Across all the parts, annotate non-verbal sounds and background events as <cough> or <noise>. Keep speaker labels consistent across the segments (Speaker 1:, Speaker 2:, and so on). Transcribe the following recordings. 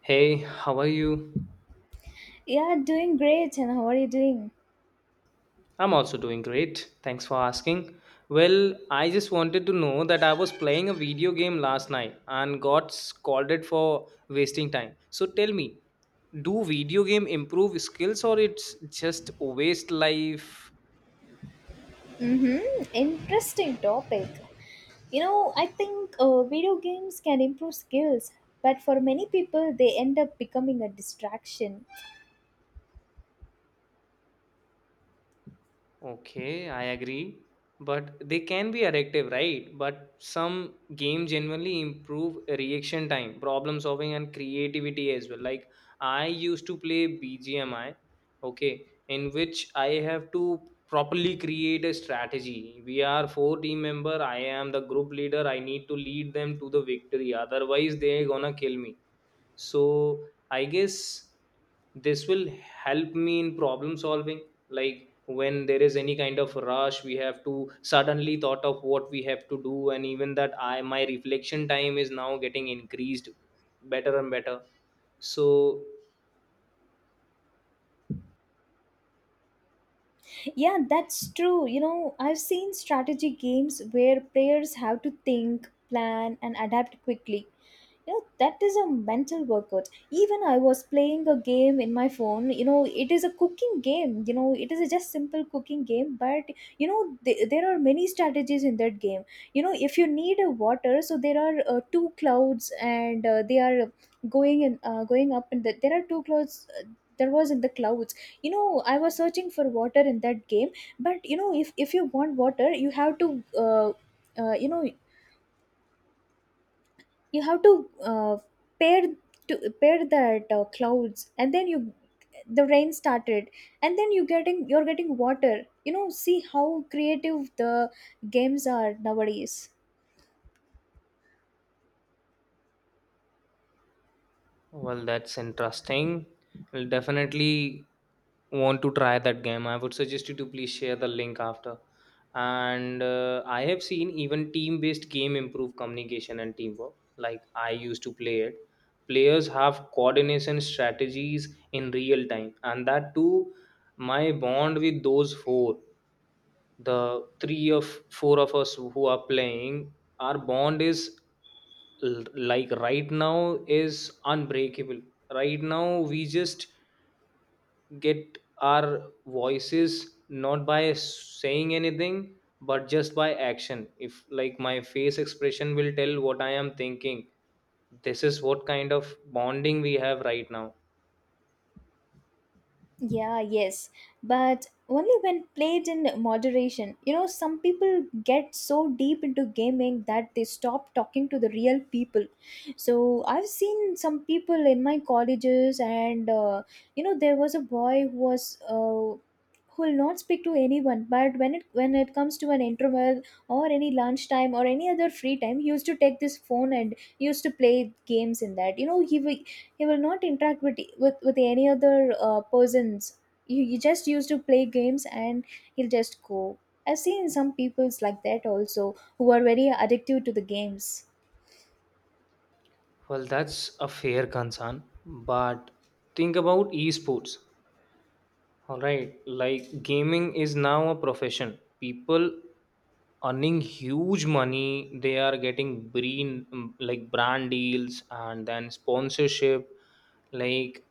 Speaker 1: Hey, how are you?
Speaker 2: Yeah, doing great. And how are you doing?
Speaker 1: I'm also doing great. Thanks for asking. Well, I just wanted to know that I was playing a video game last night and got scolded for wasting time. So tell me, do video game improve skills or it's just waste life?
Speaker 2: Mm-hmm. Interesting topic. You know, I think video games can improve skills, but for many people, they end up becoming a distraction.
Speaker 1: Okay, I agree. But they can be addictive, right? But some games genuinely improve reaction time, problem solving, and creativity as well. Like I used to play BGMI, okay, in which I have to properly create a strategy. We are four team member. I am the group leader. I need to lead them to the victory. Otherwise, they're gonna kill me, so I guess this will help me in problem solving, like when there is any kind of rush, we have to suddenly thought of what we have to do. And even that, I, my reflection time is now getting increased better and better. So
Speaker 2: Yeah, that's true. You know, I've seen strategy games where players have to think, plan, and adapt quickly. You know, that is a mental workout. Even I was playing a game in my phone. You know, it is a cooking game. You know, it is a just simple cooking game. But you know, there are many strategies in that game. You know, if you need a water, so there are two clouds, and they are going in, going up, and there are two clouds. There was in the clouds. You know, I was searching for water in that game. But you know, if you want water, you have to uh, you know you have to uh, pair, to pair that clouds, and then you the rain started, and then you're getting water. You know, see how creative the games are nowadays.
Speaker 1: well, that's interesting. I'll definitely want to try that game. I would suggest you to please share the link after. And I have seen even team based game improve communication and teamwork. Like I used to play it. Players have coordination strategies in real time, and that too, my bond with those four, the three of four of us who are playing, our bond is, like right now, is unbreakable. Right now we just get our voices not by saying anything, but just by action. If like my face expression will tell what I am thinking, this is what kind of bonding we have right now.
Speaker 2: Yeah, but only when played in moderation. You know, some people get so deep into gaming that they stop talking to the real people. So, I've seen some people in my colleges, and you know, there was a boy who was. Who will not speak to anyone, but when it comes to an interval or any lunchtime or any other free time, he used to take this phone and used to play games in that. You know, he will not interact with with any other persons. You just used to play games, and he'll just go. I've seen some peoples like that also, who are very addictive to the games.
Speaker 1: Well, that's a fair concern, but think about esports. All right, like gaming is now a profession. People earning huge money. They are getting brand, like brand deals and then sponsorship. Like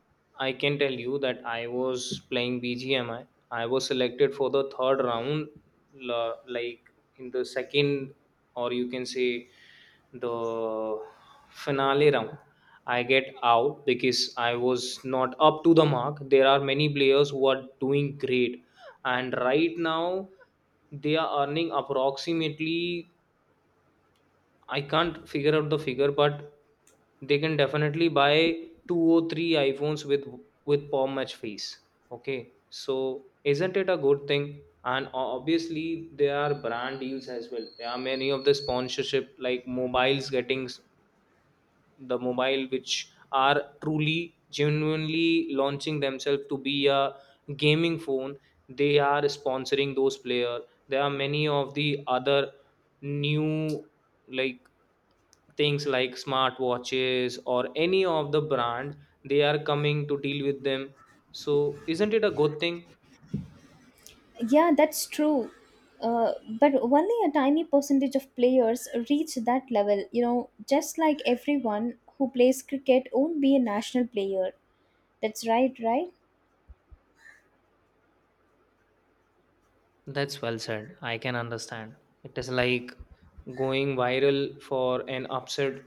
Speaker 1: I can tell you that I was playing BGMI. I was selected for the third round, like in the second, or you can say the finale round. I get out because I was not up to the mark. There are many players who are doing great, and right now they are earning approximately. I can't figure out the figure, but they can definitely buy two or three iPhones with per match fees. Okay, so isn't it a good thing? And obviously there are brand deals as well. There are many of the sponsorship, like mobiles getting the mobile which are truly genuinely launching themselves to be a gaming phone, they are sponsoring those player. There are many of the other new, like things like smart watches or any of the brand, they are coming to deal with them. So isn't it a good thing?
Speaker 2: Yeah, that's true. uh, but only a tiny percentage of players reach that level, you know. Just like everyone who plays cricket won't be a national player. That's right. Right.
Speaker 1: That's well said. I can understand. It is like going viral for an upset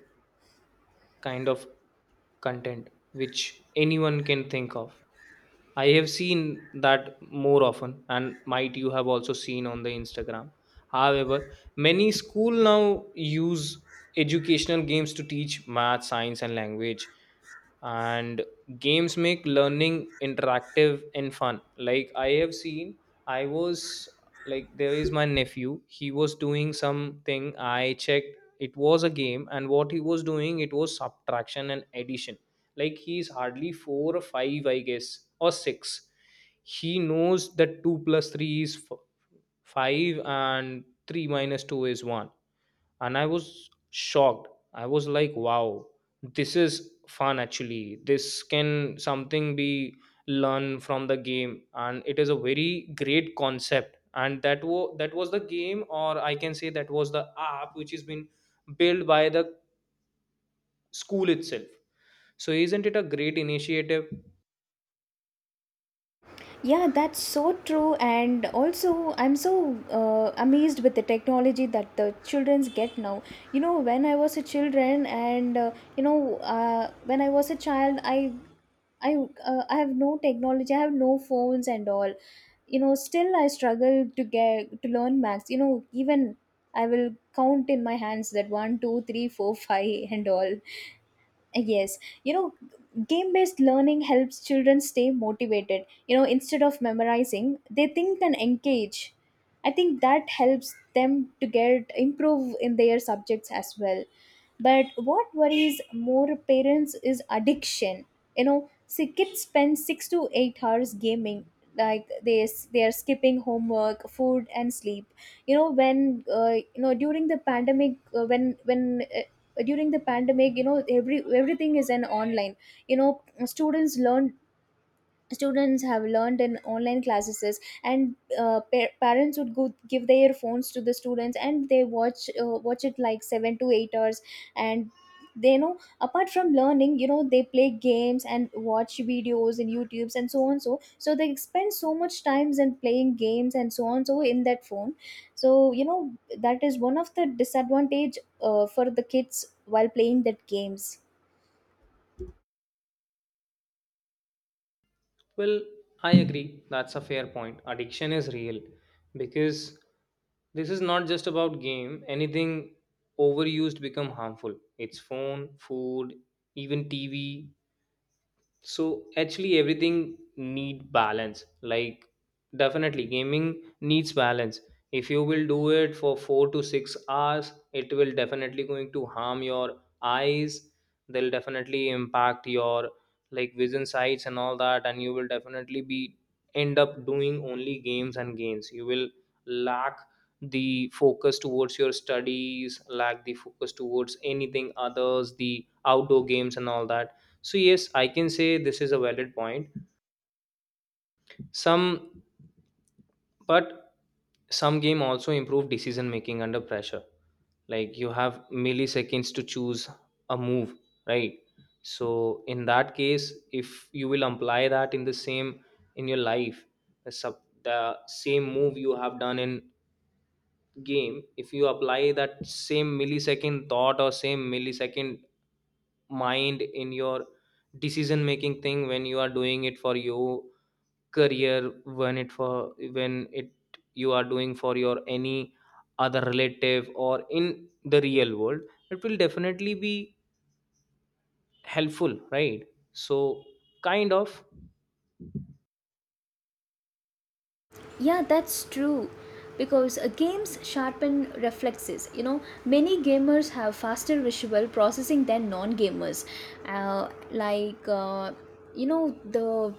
Speaker 1: kind of content which anyone can think of. I have seen that more often, and might you have also seen on the Instagram. However, many school now use educational games to teach math, science, and language, and games make learning interactive and fun. Like I have seen, I was, like there is my nephew. He was doing something. I checked. It was a game, and what he was doing, it was subtraction and addition. Like he's hardly four or five, I guess, or six. He knows that two plus three is five and three minus two is one. And I was shocked. I was like, wow, this is fun. Actually, this can something be learned from the game, and it is a very great concept. And that was the game, or I can say that was the app which has been built by the school itself. So isn't it a great initiative?
Speaker 2: Yeah, that's so true. And also, I'm so amazed with the technology that the childrens get now. You know, when I was a children, and you know, When I was a child, I, I have no technology. I have no phones and all. You know, still I struggle to get to learn maths. You know, even I will count in my hands that one, two, three, four, five, <laughs> and all. Yes, you know, game based learning helps children stay motivated. You know, instead of memorizing, they think and engage. I think that helps them to get improve in their subjects as well. But what worries more parents is addiction. You know, see, kids spend 6 to 8 hours gaming. Like they are skipping homework, food, and sleep. You know, when you know during the pandemic when during the pandemic, you know, everything is an online. You know, students learn students have learned in online classes, and parents would go give their phones to the students, and they watch it like 7 to 8 hours. And they know, apart from learning, you know, they play games and watch videos in youtubes and so on. So so they spend so much times in playing games and so on, so in that phone. So you know, that is one of the disadvantage for the kids while playing that games.
Speaker 1: Well, I agree. That's a fair point. Addiction is real because this is not just about game. Anything overused become harmful. It's phone, food, even TV, so actually everything need balance. Like definitely gaming needs balance. If you will do it for 4 to 6 hours, it will definitely going to harm your eyes. They'll definitely impact your, like vision sights and all that, and you will definitely be end up doing only games and games. You will lack the focus towards your studies, lack the focus towards anything others, the outdoor games and all that. So yes, I can say this is a valid point. Some, but some game also improve decision making under pressure. Like you have milliseconds to choose a move, right? So in that case, if you will apply that in the same, in your life, the sub, the same move you have done in game, if you apply that same millisecond thought or same millisecond mind in your decision making thing, when you are doing it for you career, when it for, when it, you are doing for your any other relative or in the real world, it will definitely be helpful, right? So kind of,
Speaker 2: Yeah, that's true. Because games sharpen reflexes. You know, many gamers have faster visual processing than non gamers. Uh, like, uh, you know,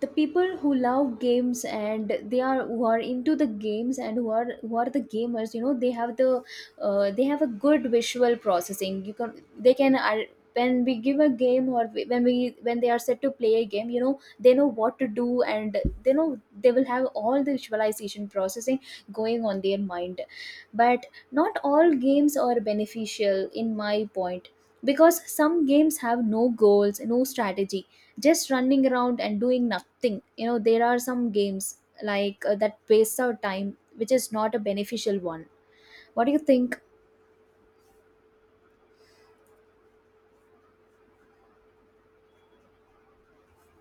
Speaker 2: the people who love games, and they are who are into the games, and who are the gamers, you know, they have a good visual processing. You can, they can when we give a game, or when we when they are set to play a game, you know, they know what to do, and they know they will have all the visualization processing going on their mind. But not all games are beneficial in my point, because some games have no goals, no strategy, just running around and doing nothing. You know, there are some games like that waste our time, which is not a beneficial one. What do you think?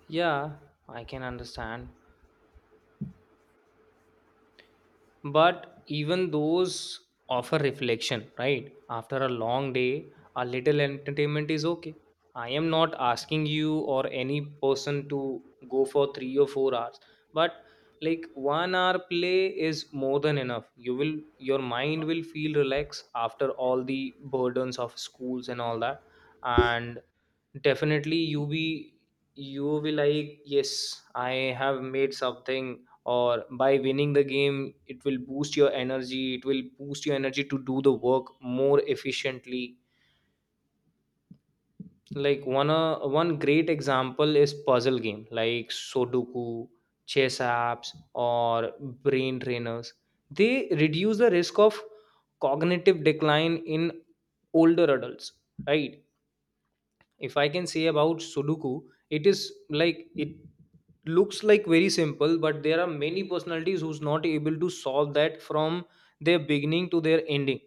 Speaker 1: yeah, I can understand. But even those offer reflection, right? After a long day, a little entertainment is okay. I am not asking you or any person to go for 3 or 4 hours, but like 1 hour play is more than enough. You will, your mind will feel relaxed after all the burdens of schools and all that. And definitely, you be, you will be like, yes, I have made something, or by winning the game, it will boost your energy. It will boost your energy to do the work more efficiently. Like one one great example is puzzle game like Sudoku, chess apps, or brain trainers. They reduce the risk of cognitive decline in older adults, right? If I can say about Sudoku, it is like it looks like very simple, but there are many personalities who's not able to solve that from their beginning to their ending.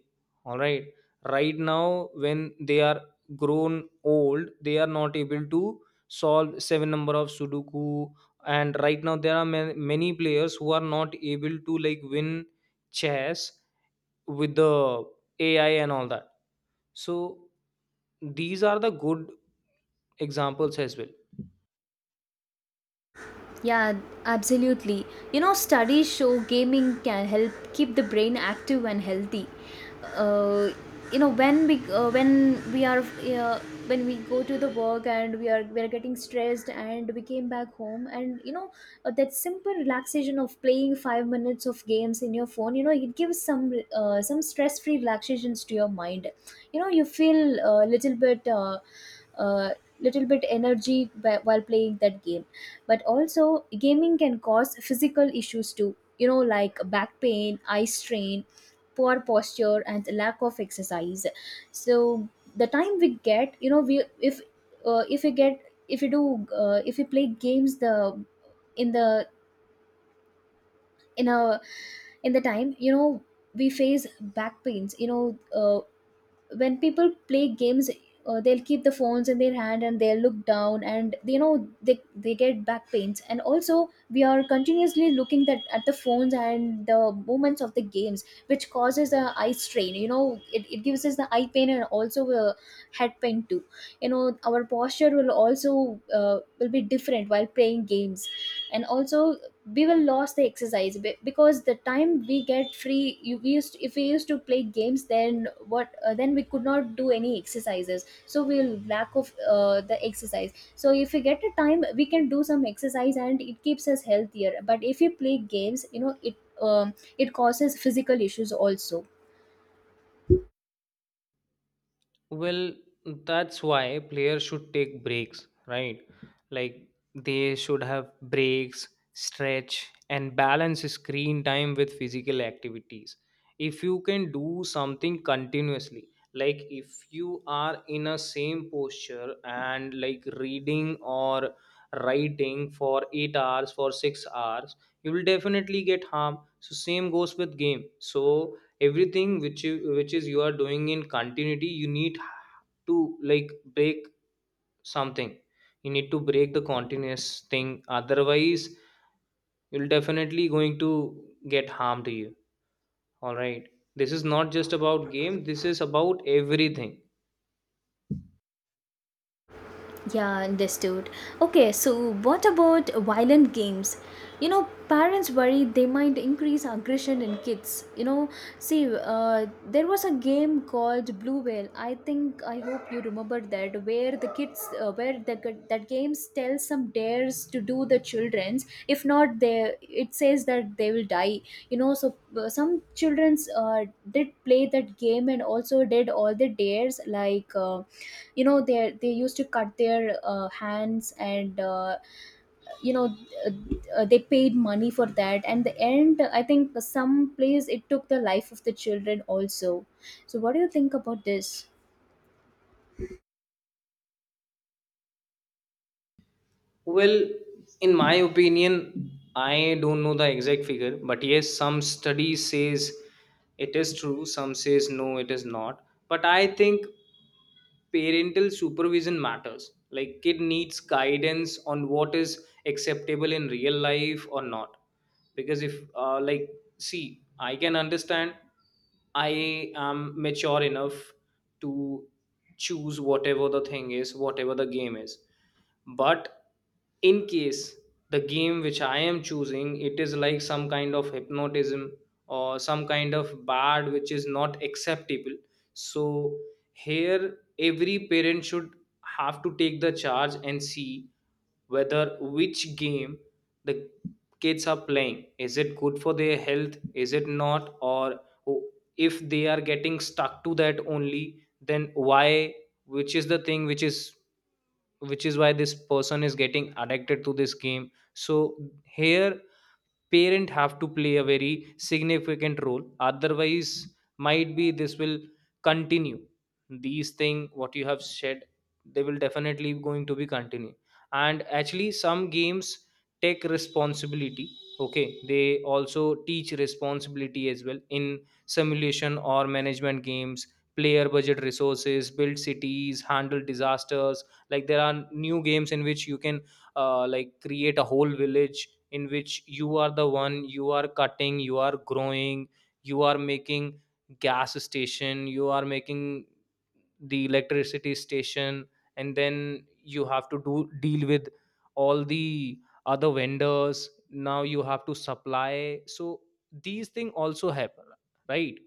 Speaker 1: All right, right now when they are grown old, they are not able to solve seven number of Sudoku. And right now there are many players who are not able to like win chess with the AI and all that. So these are the good examples as well.
Speaker 2: Yeah, absolutely. You know, studies show gaming can help keep the brain active and healthy. Uh, you know, when we are When we go to the work and we are getting stressed and we came back home, and you know, that simple relaxation of playing 5 minutes of games in your phone. You know, it gives some stress free relaxations to your mind. You know, you feel a little bit. Uh, Little bit energy while playing that game. But also gaming can cause physical issues too, you know, like back pain, eye strain, poor posture, and lack of exercise. So the time we get, you know, we if we get if we do if we play games, the in a in the time, you know, we face back pains. You know, uh, when people play games, they'll keep the phones in their hand and they'll look down, and you know, they get back pains. And also we are continuously looking that at the phones and the movements of the games, which causes the eye strain. You know, it gives us the eye pain and also head pain too. You know, our posture will also will be different while playing games. And also, we will lose the exercise. Because the time we get free, you we used if we used to play games, then what then we could not do any exercises. So we'll lack of the exercise. So if we get a time, we can do some exercise, and it keeps us healthier. But if we play games, you know, it it causes physical issues also.
Speaker 1: Well, that's why players should take breaks, right? Like they should have breaks, stretch and balance screen time with physical activities. If you can do something continuously, like if you are in a same posture and like reading or writing for 8 hours, for 6 hours, you will definitely get harm. So same goes with game. So everything which you, which is you are doing in continuity, you need to like break something. You need to break the continuous thing, otherwise you'll definitely going to get harm to you. All right, this is not just about game, this is about everything.
Speaker 2: Yeah, understood. Okay, so what about violent games? You know, parents worry they might increase aggression in kids. You know, see, there was a game called Blue Whale. I think, I hope you remember that, where the kids, that games tell some dares to do the childrens. If not, they it says that they will die. You know, so some childrens did play that game and also did all the dares like. You know, they used to cut their hands, and you know uh, they paid money for that, and the end, I think some place it took the life of the children also. So what do you think about this?
Speaker 1: Well, in my opinion, I don't know the exact figure, but yes, some study says it is true, some says no, it is not, but I think parental supervision matters. Like kid needs guidance on what is acceptable in real life or not. Because if like, see, I can understand, I am mature enough to choose whatever the thing is, whatever the game is. But in case the game which I am choosing, it is like some kind of hypnotism or some kind of bad which is not acceptable, so here every parent should have to take the charge and see whether which game the kids are playing, is it good for their health, is it not, or o- if they are getting stuck to that only, then why, which is the thing, which is, which is why this person is getting addicted to this game. So here parent have to play a very significant role. Otherwise might be this will continue. These thing what you have said, they will definitely going to be continue. And actually some games take responsibility. Okay, they also teach responsibility as well in simulation or management games. Player budget resources, build cities, handle disasters. Like there are new games in which you can like create a whole village in which you are the one, you are cutting, you are growing, you are making gas station, you are making the electricity station, and then you have to do deal with all the other vendors, now you have to supply. So these things also happen, right?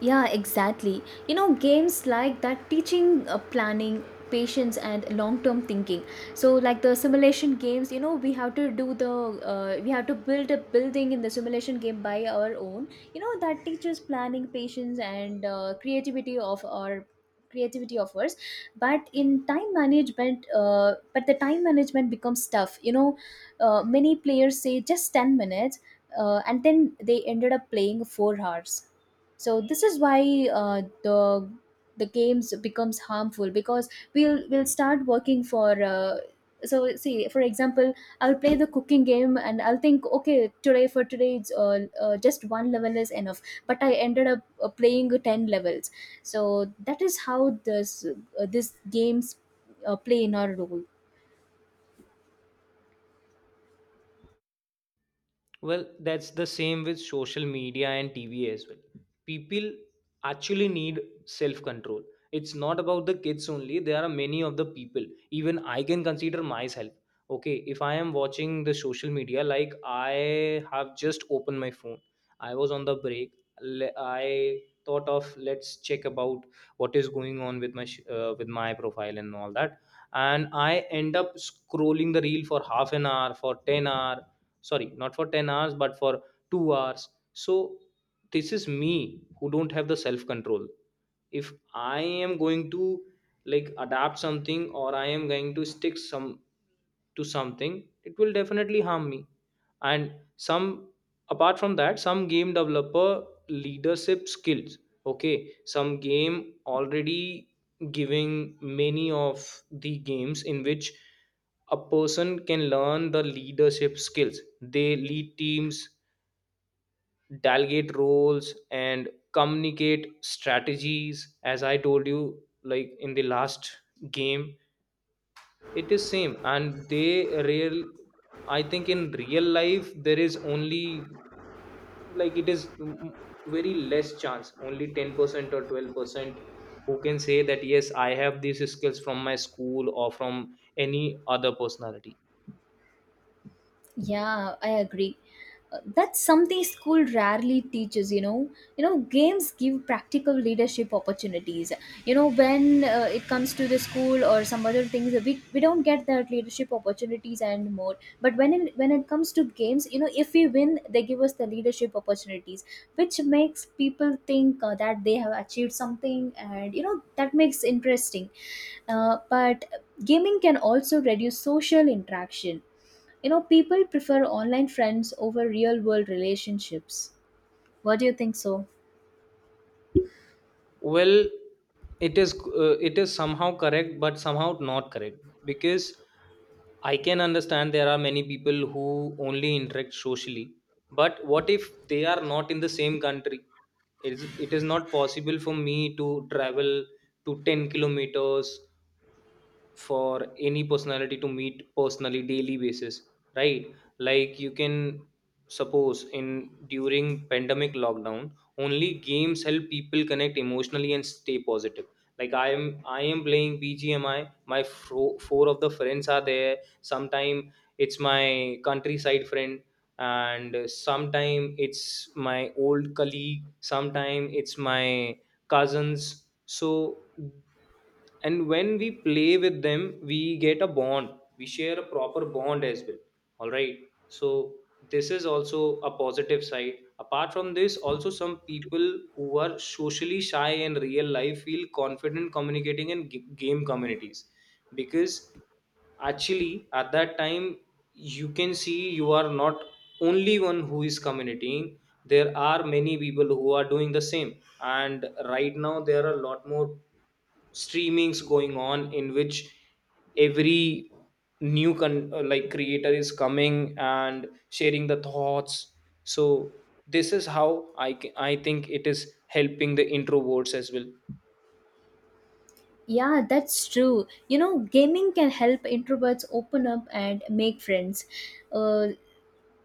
Speaker 2: Yeah, exactly. You know, games like that teaching planning, patience, and long term thinking. So, like the simulation games, you know, we have to do the, we have to build a building in the simulation game by our own. You know, that teaches planning, patience, and creativity of ours. But in time management, but the time management becomes tough, you know. Many players say just 10 minutes, and then they ended up playing 4 hours. So this is why uh, the the games becomes harmful, because we'll start working for so see, for example, I'll play the cooking game, and I'll think okay, today it's just one level is enough. But I ended up playing 10 levels. So that is how this this games play in our role.
Speaker 1: Well, that's the same with social media and TV as well. People actually need self control. It's not about the kids only, there are many of the people. Even I can consider myself. Okay, if I am watching the social media, like I have just opened my phone, I was on the break, I thought of let's check about what is going on with with my profile and all that, and I end up scrolling the reel for half an hour, for 10 hour, sorry, not for 10 hours but for 2 hours. So this is me who don't have the self control. If I am going to, like, adapt something or I am going to stick some, to something, it will definitely harm me. And some, apart from that, some game developer leadership skills. Okay, some game already giving many of the games in which a person can learn the leadership skills. They lead teams, delegate roles and communicate strategies, as I told you, like in the last game. It is same and they real. I think in real life there is only, like, very less chance, only 10% or 12% who can say that yes, I have these skills from my school or from any other personality.
Speaker 2: Yeah, I agree. That's something school rarely teaches, you know. You know, games give practical leadership opportunities. You know, when it comes to the school or some other things, we don't get that leadership opportunities and more. But when it comes to games, you know, if we win, they give us the leadership opportunities, which makes people think that they have achieved something, and you know, that makes interesting. But gaming can also reduce social interaction. You know, people prefer online friends over real world relationships. What do you think so?
Speaker 1: Well, it is, it is somehow correct but somehow not correct, because I can understand there are many people who only interact socially, but what if they are not in the same country? It is not possible for me to travel to 10 kilometers for any personality to meet personally daily basis, right? Like, you can suppose, in during pandemic lockdown, only games help people connect emotionally and stay positive. Like, I am playing BGMI. Four of the friends are there sometime. It's my countryside friend, and sometime it's my old colleague, sometime it's my cousins. So, and when we play with them, we get a bond, we share a proper bond as well, all right? So this is also a positive side. Apart from this, also some people who are socially shy in real life feel confident communicating in game communities, because actually at that time, you can see you are not only one who is communicating. There are many people who are doing the same. And right now there are a lot more streamings going on, in which every like creator is coming and sharing the thoughts. So this is how I think it is helping the introverts as well.
Speaker 2: Yeah, that's true. You know, gaming can help introverts open up and make friends. Uh,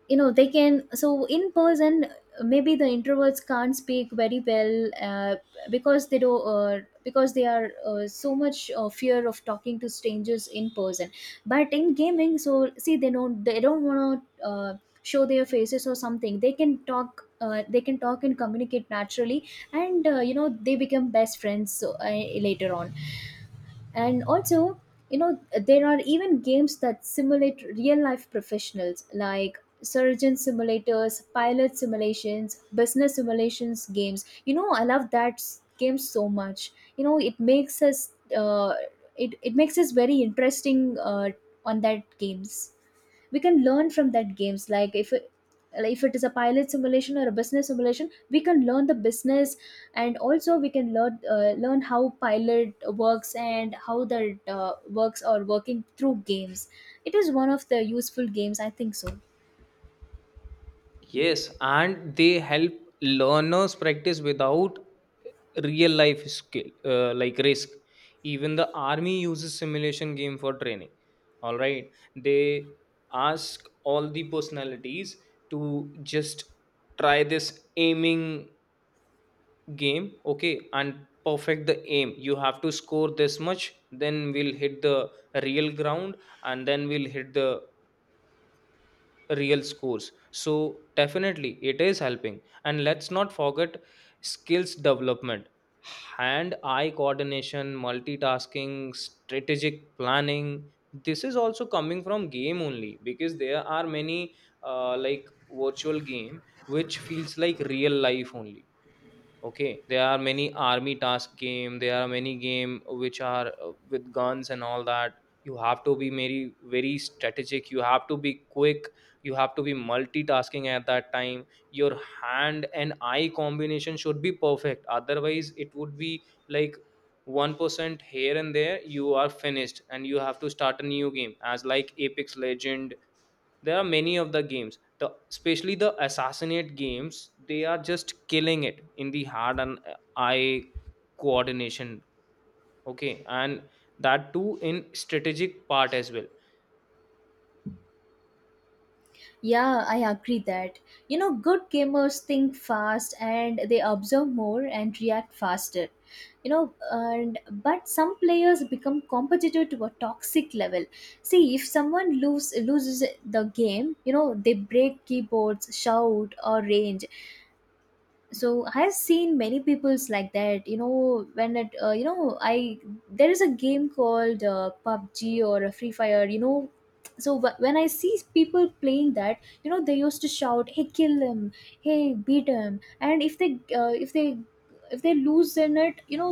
Speaker 2: you know, they can so in person, maybe the introverts can't speak very well, because they are so much fear of talking to strangers in person. But in gaming, so see, they don't want to show their faces or something. They can talk they can talk and communicate naturally, and you know, they become best friends. So, later on, and also, you know, there are even games that simulate real life professionals like surgeon simulators, pilot simulations, business simulations games. You know, I love that game so much. You know, it makes us it makes us very interesting on that games. We can learn from that games. Like if it is a pilot simulation or a business simulation, we can learn the business, and also we can learn learn how pilot works and how the works or working through games. It is one of the useful games, I think so.
Speaker 1: Yes, and they help learners practice without real life skill, like risk. Even the army uses simulation game for training. All right, they ask all the personalities to just try this aiming game, okay, and perfect the aim. You have to score this much, then we'll hit the real ground, and then we'll hit the real scores. So definitely it is helping. And let's not forget skills development, hand eye coordination, multitasking, strategic planning. This is also coming from game only, because there are many like virtual game which feels like real life only. Okay, there are many army task game, there are many game which are, with guns and all that. You have to be very very strategic, you have to be quick, you have to be multitasking at that time. Your hand and eye combination should be perfect, otherwise it would be like 1% here and there, you are finished and you have to start a new game, as like Apex Legend. There are many of the games, the especially the assassinate games, they are just killing it in the hand and eye coordination. Okay, and that too in strategic part as well.
Speaker 2: Yeah, I agree that. You know, good gamers think fast, and they observe more and react faster. You know, and but some players become competitive to a toxic level. See, if someone loses the game, you know, they break keyboards, shout, or range. So I've seen many people's like that. You know, when it you know I there is a game called pubg or a free fire, you know. So when I see people playing that, you know, they used to shout, hey, kill him, hey, beat him. And if they lose in it, you know,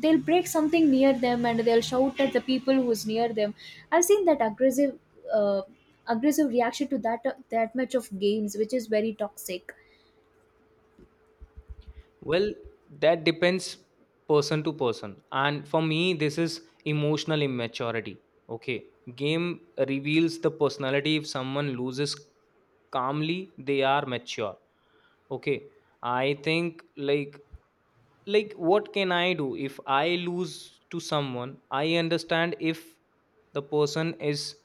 Speaker 2: they'll break something near them, and they'll shout at the people who's near them. I've seen that aggressive uh, aggressive reaction to that, that much of games, which is very toxic.
Speaker 1: Well, that depends person to person, and for me this is emotional immaturity. Okay, game reveals the personality. If someone loses calmly, they are mature. Okay, I think, like what can I do if I lose to someone? I understand if the person is,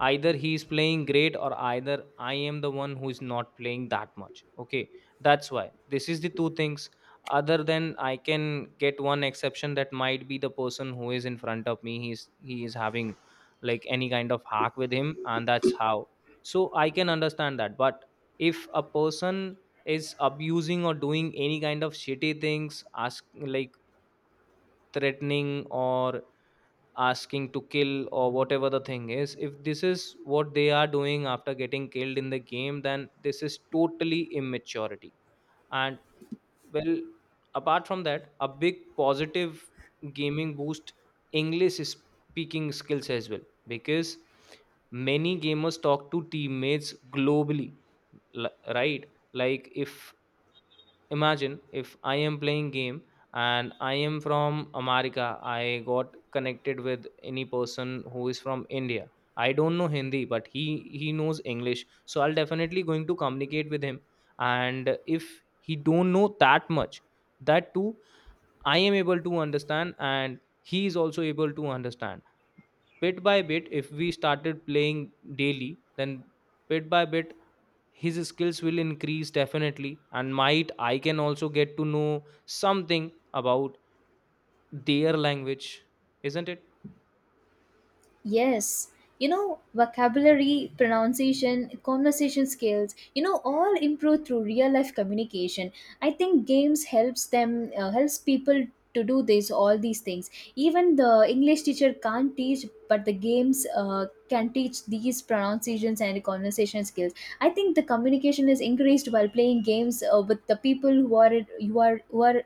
Speaker 1: either he is playing great, or either I am the one who is not playing that much. Okay, that's why this is the two things. Other than, I can get one exception, that might be the person who is in front of me, he is having like any kind of hack with him, and that's how. So I can understand that. But if a person is abusing or doing any kind of shitty things, ask like threatening or asking to kill or whatever the thing is, if this is what they are doing after getting killed in the game, then this is totally immaturity. And, well, apart from that, a big positive, gaming boost English speaking skills as well, because many gamers talk to teammates globally. Right, like, if, imagine if I am playing game and I am from America, I got connected with any person who is from India. I don't know Hindi, but he knows English, so I'll definitely going to communicate with him. And if he don't know that much, that too, I am able to understand and he is also able to understand. Bit by bit, if we started playing daily, then bit by bit his skills will increase definitely, and might I can also get to know something about their language, isn't it?
Speaker 2: Yes, you know, vocabulary, pronunciation, conversation skills, you know, all improve through real life communication. I think games helps them helps people to do this all these things. Even the English teacher can't teach, but the games can teach these pronunciations and conversation skills. I think the communication is increased while playing games with the people who are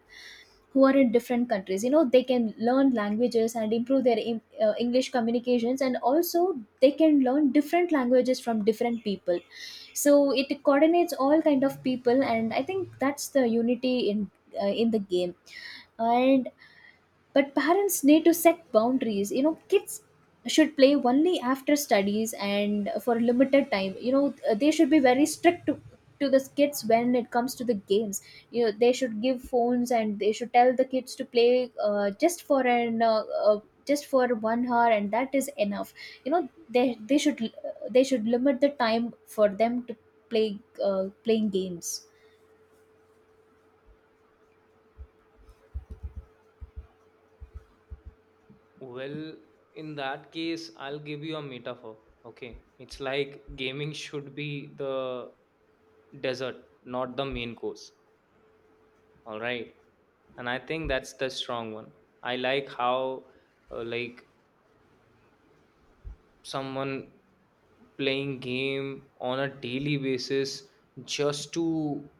Speaker 2: who are in different countries. You know, they can learn languages and improve their english communications, and also they can learn different languages from different people. So it coordinates all kind of people, and I think that's the unity in the game. And but parents need to set boundaries. You know, kids should play only after studies and for limited time. You know, they should be very strict to the kids when it comes to the games. You know, they should give phones, and they should tell the kids to play uh, just for 1 hour, and that is enough. You know, they should limit the time for them to play playing games.
Speaker 1: Well, in that case, I'll give you a metaphor. Okay, it's like gaming should be the dessert, not the main course, all right? And I think that's the strong one. I like how, like someone playing game on a daily basis, just to,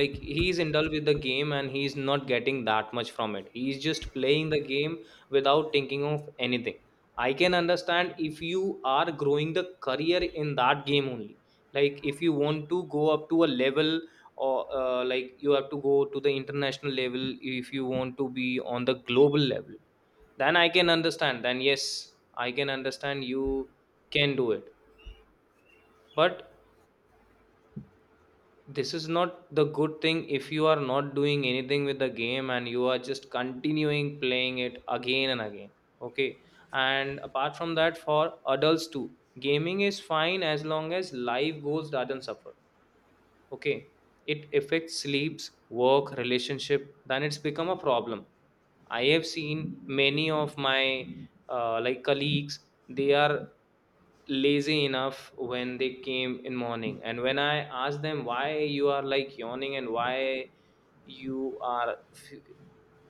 Speaker 1: like, he's indulged with the game and he's not getting that much from it, he's just playing the game without thinking of anything. I can understand if you are growing the career in that game only, like if you want to go up to a level, or like you have to go to the international level, if you want to be on the global level, then I can understand. Then yes, I can understand, you can do it. But this is not the good thing if you are not doing anything with the game and you are just continuing playing it again and again. Okay, and apart from that, for adults too, gaming is fine as long as life goals doesn't suffer. Okay, it affects sleeps, work, relationship, then it's become a problem. I have seen many of my like colleagues, they are lazy enough when they came in morning, and when I asked them why you are like yawning and why you are f-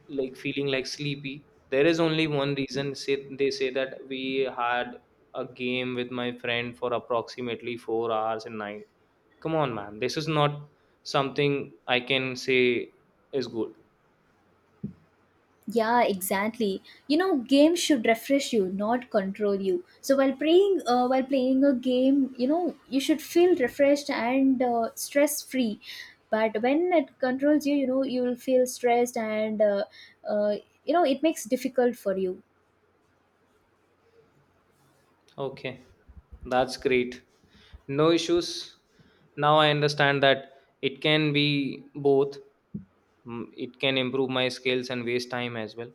Speaker 1: like feeling like sleepy, there is only one reason say, they say that we had a game with my friend for approximately 4 hours a night. Come on, man. This is not something I can say is good.
Speaker 2: Yeah, exactly. You know, games should refresh you, not control you. So while playing a game, you know, you should feel refreshed and stress free. But when it controls you, you know, you will feel stressed and uh, you know, it makes difficult for you.
Speaker 1: Okay, that's great. No issues. Now I understand that it can be both. Mm, it can improve my skills and waste time as well.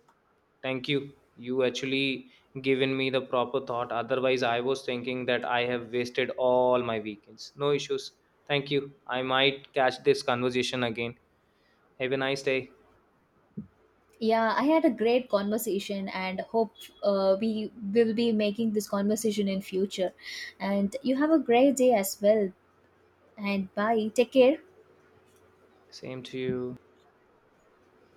Speaker 1: Thank you. You actually given me the proper thought. Otherwise, I was thinking that I have wasted all my weekends. No issues. Thank you. I might catch this conversation again. Have a nice day.
Speaker 2: Yeah, I had a great conversation, and hope we will be making this conversation in future. And you have a great day as well. And bye. Take care.
Speaker 1: Same to you.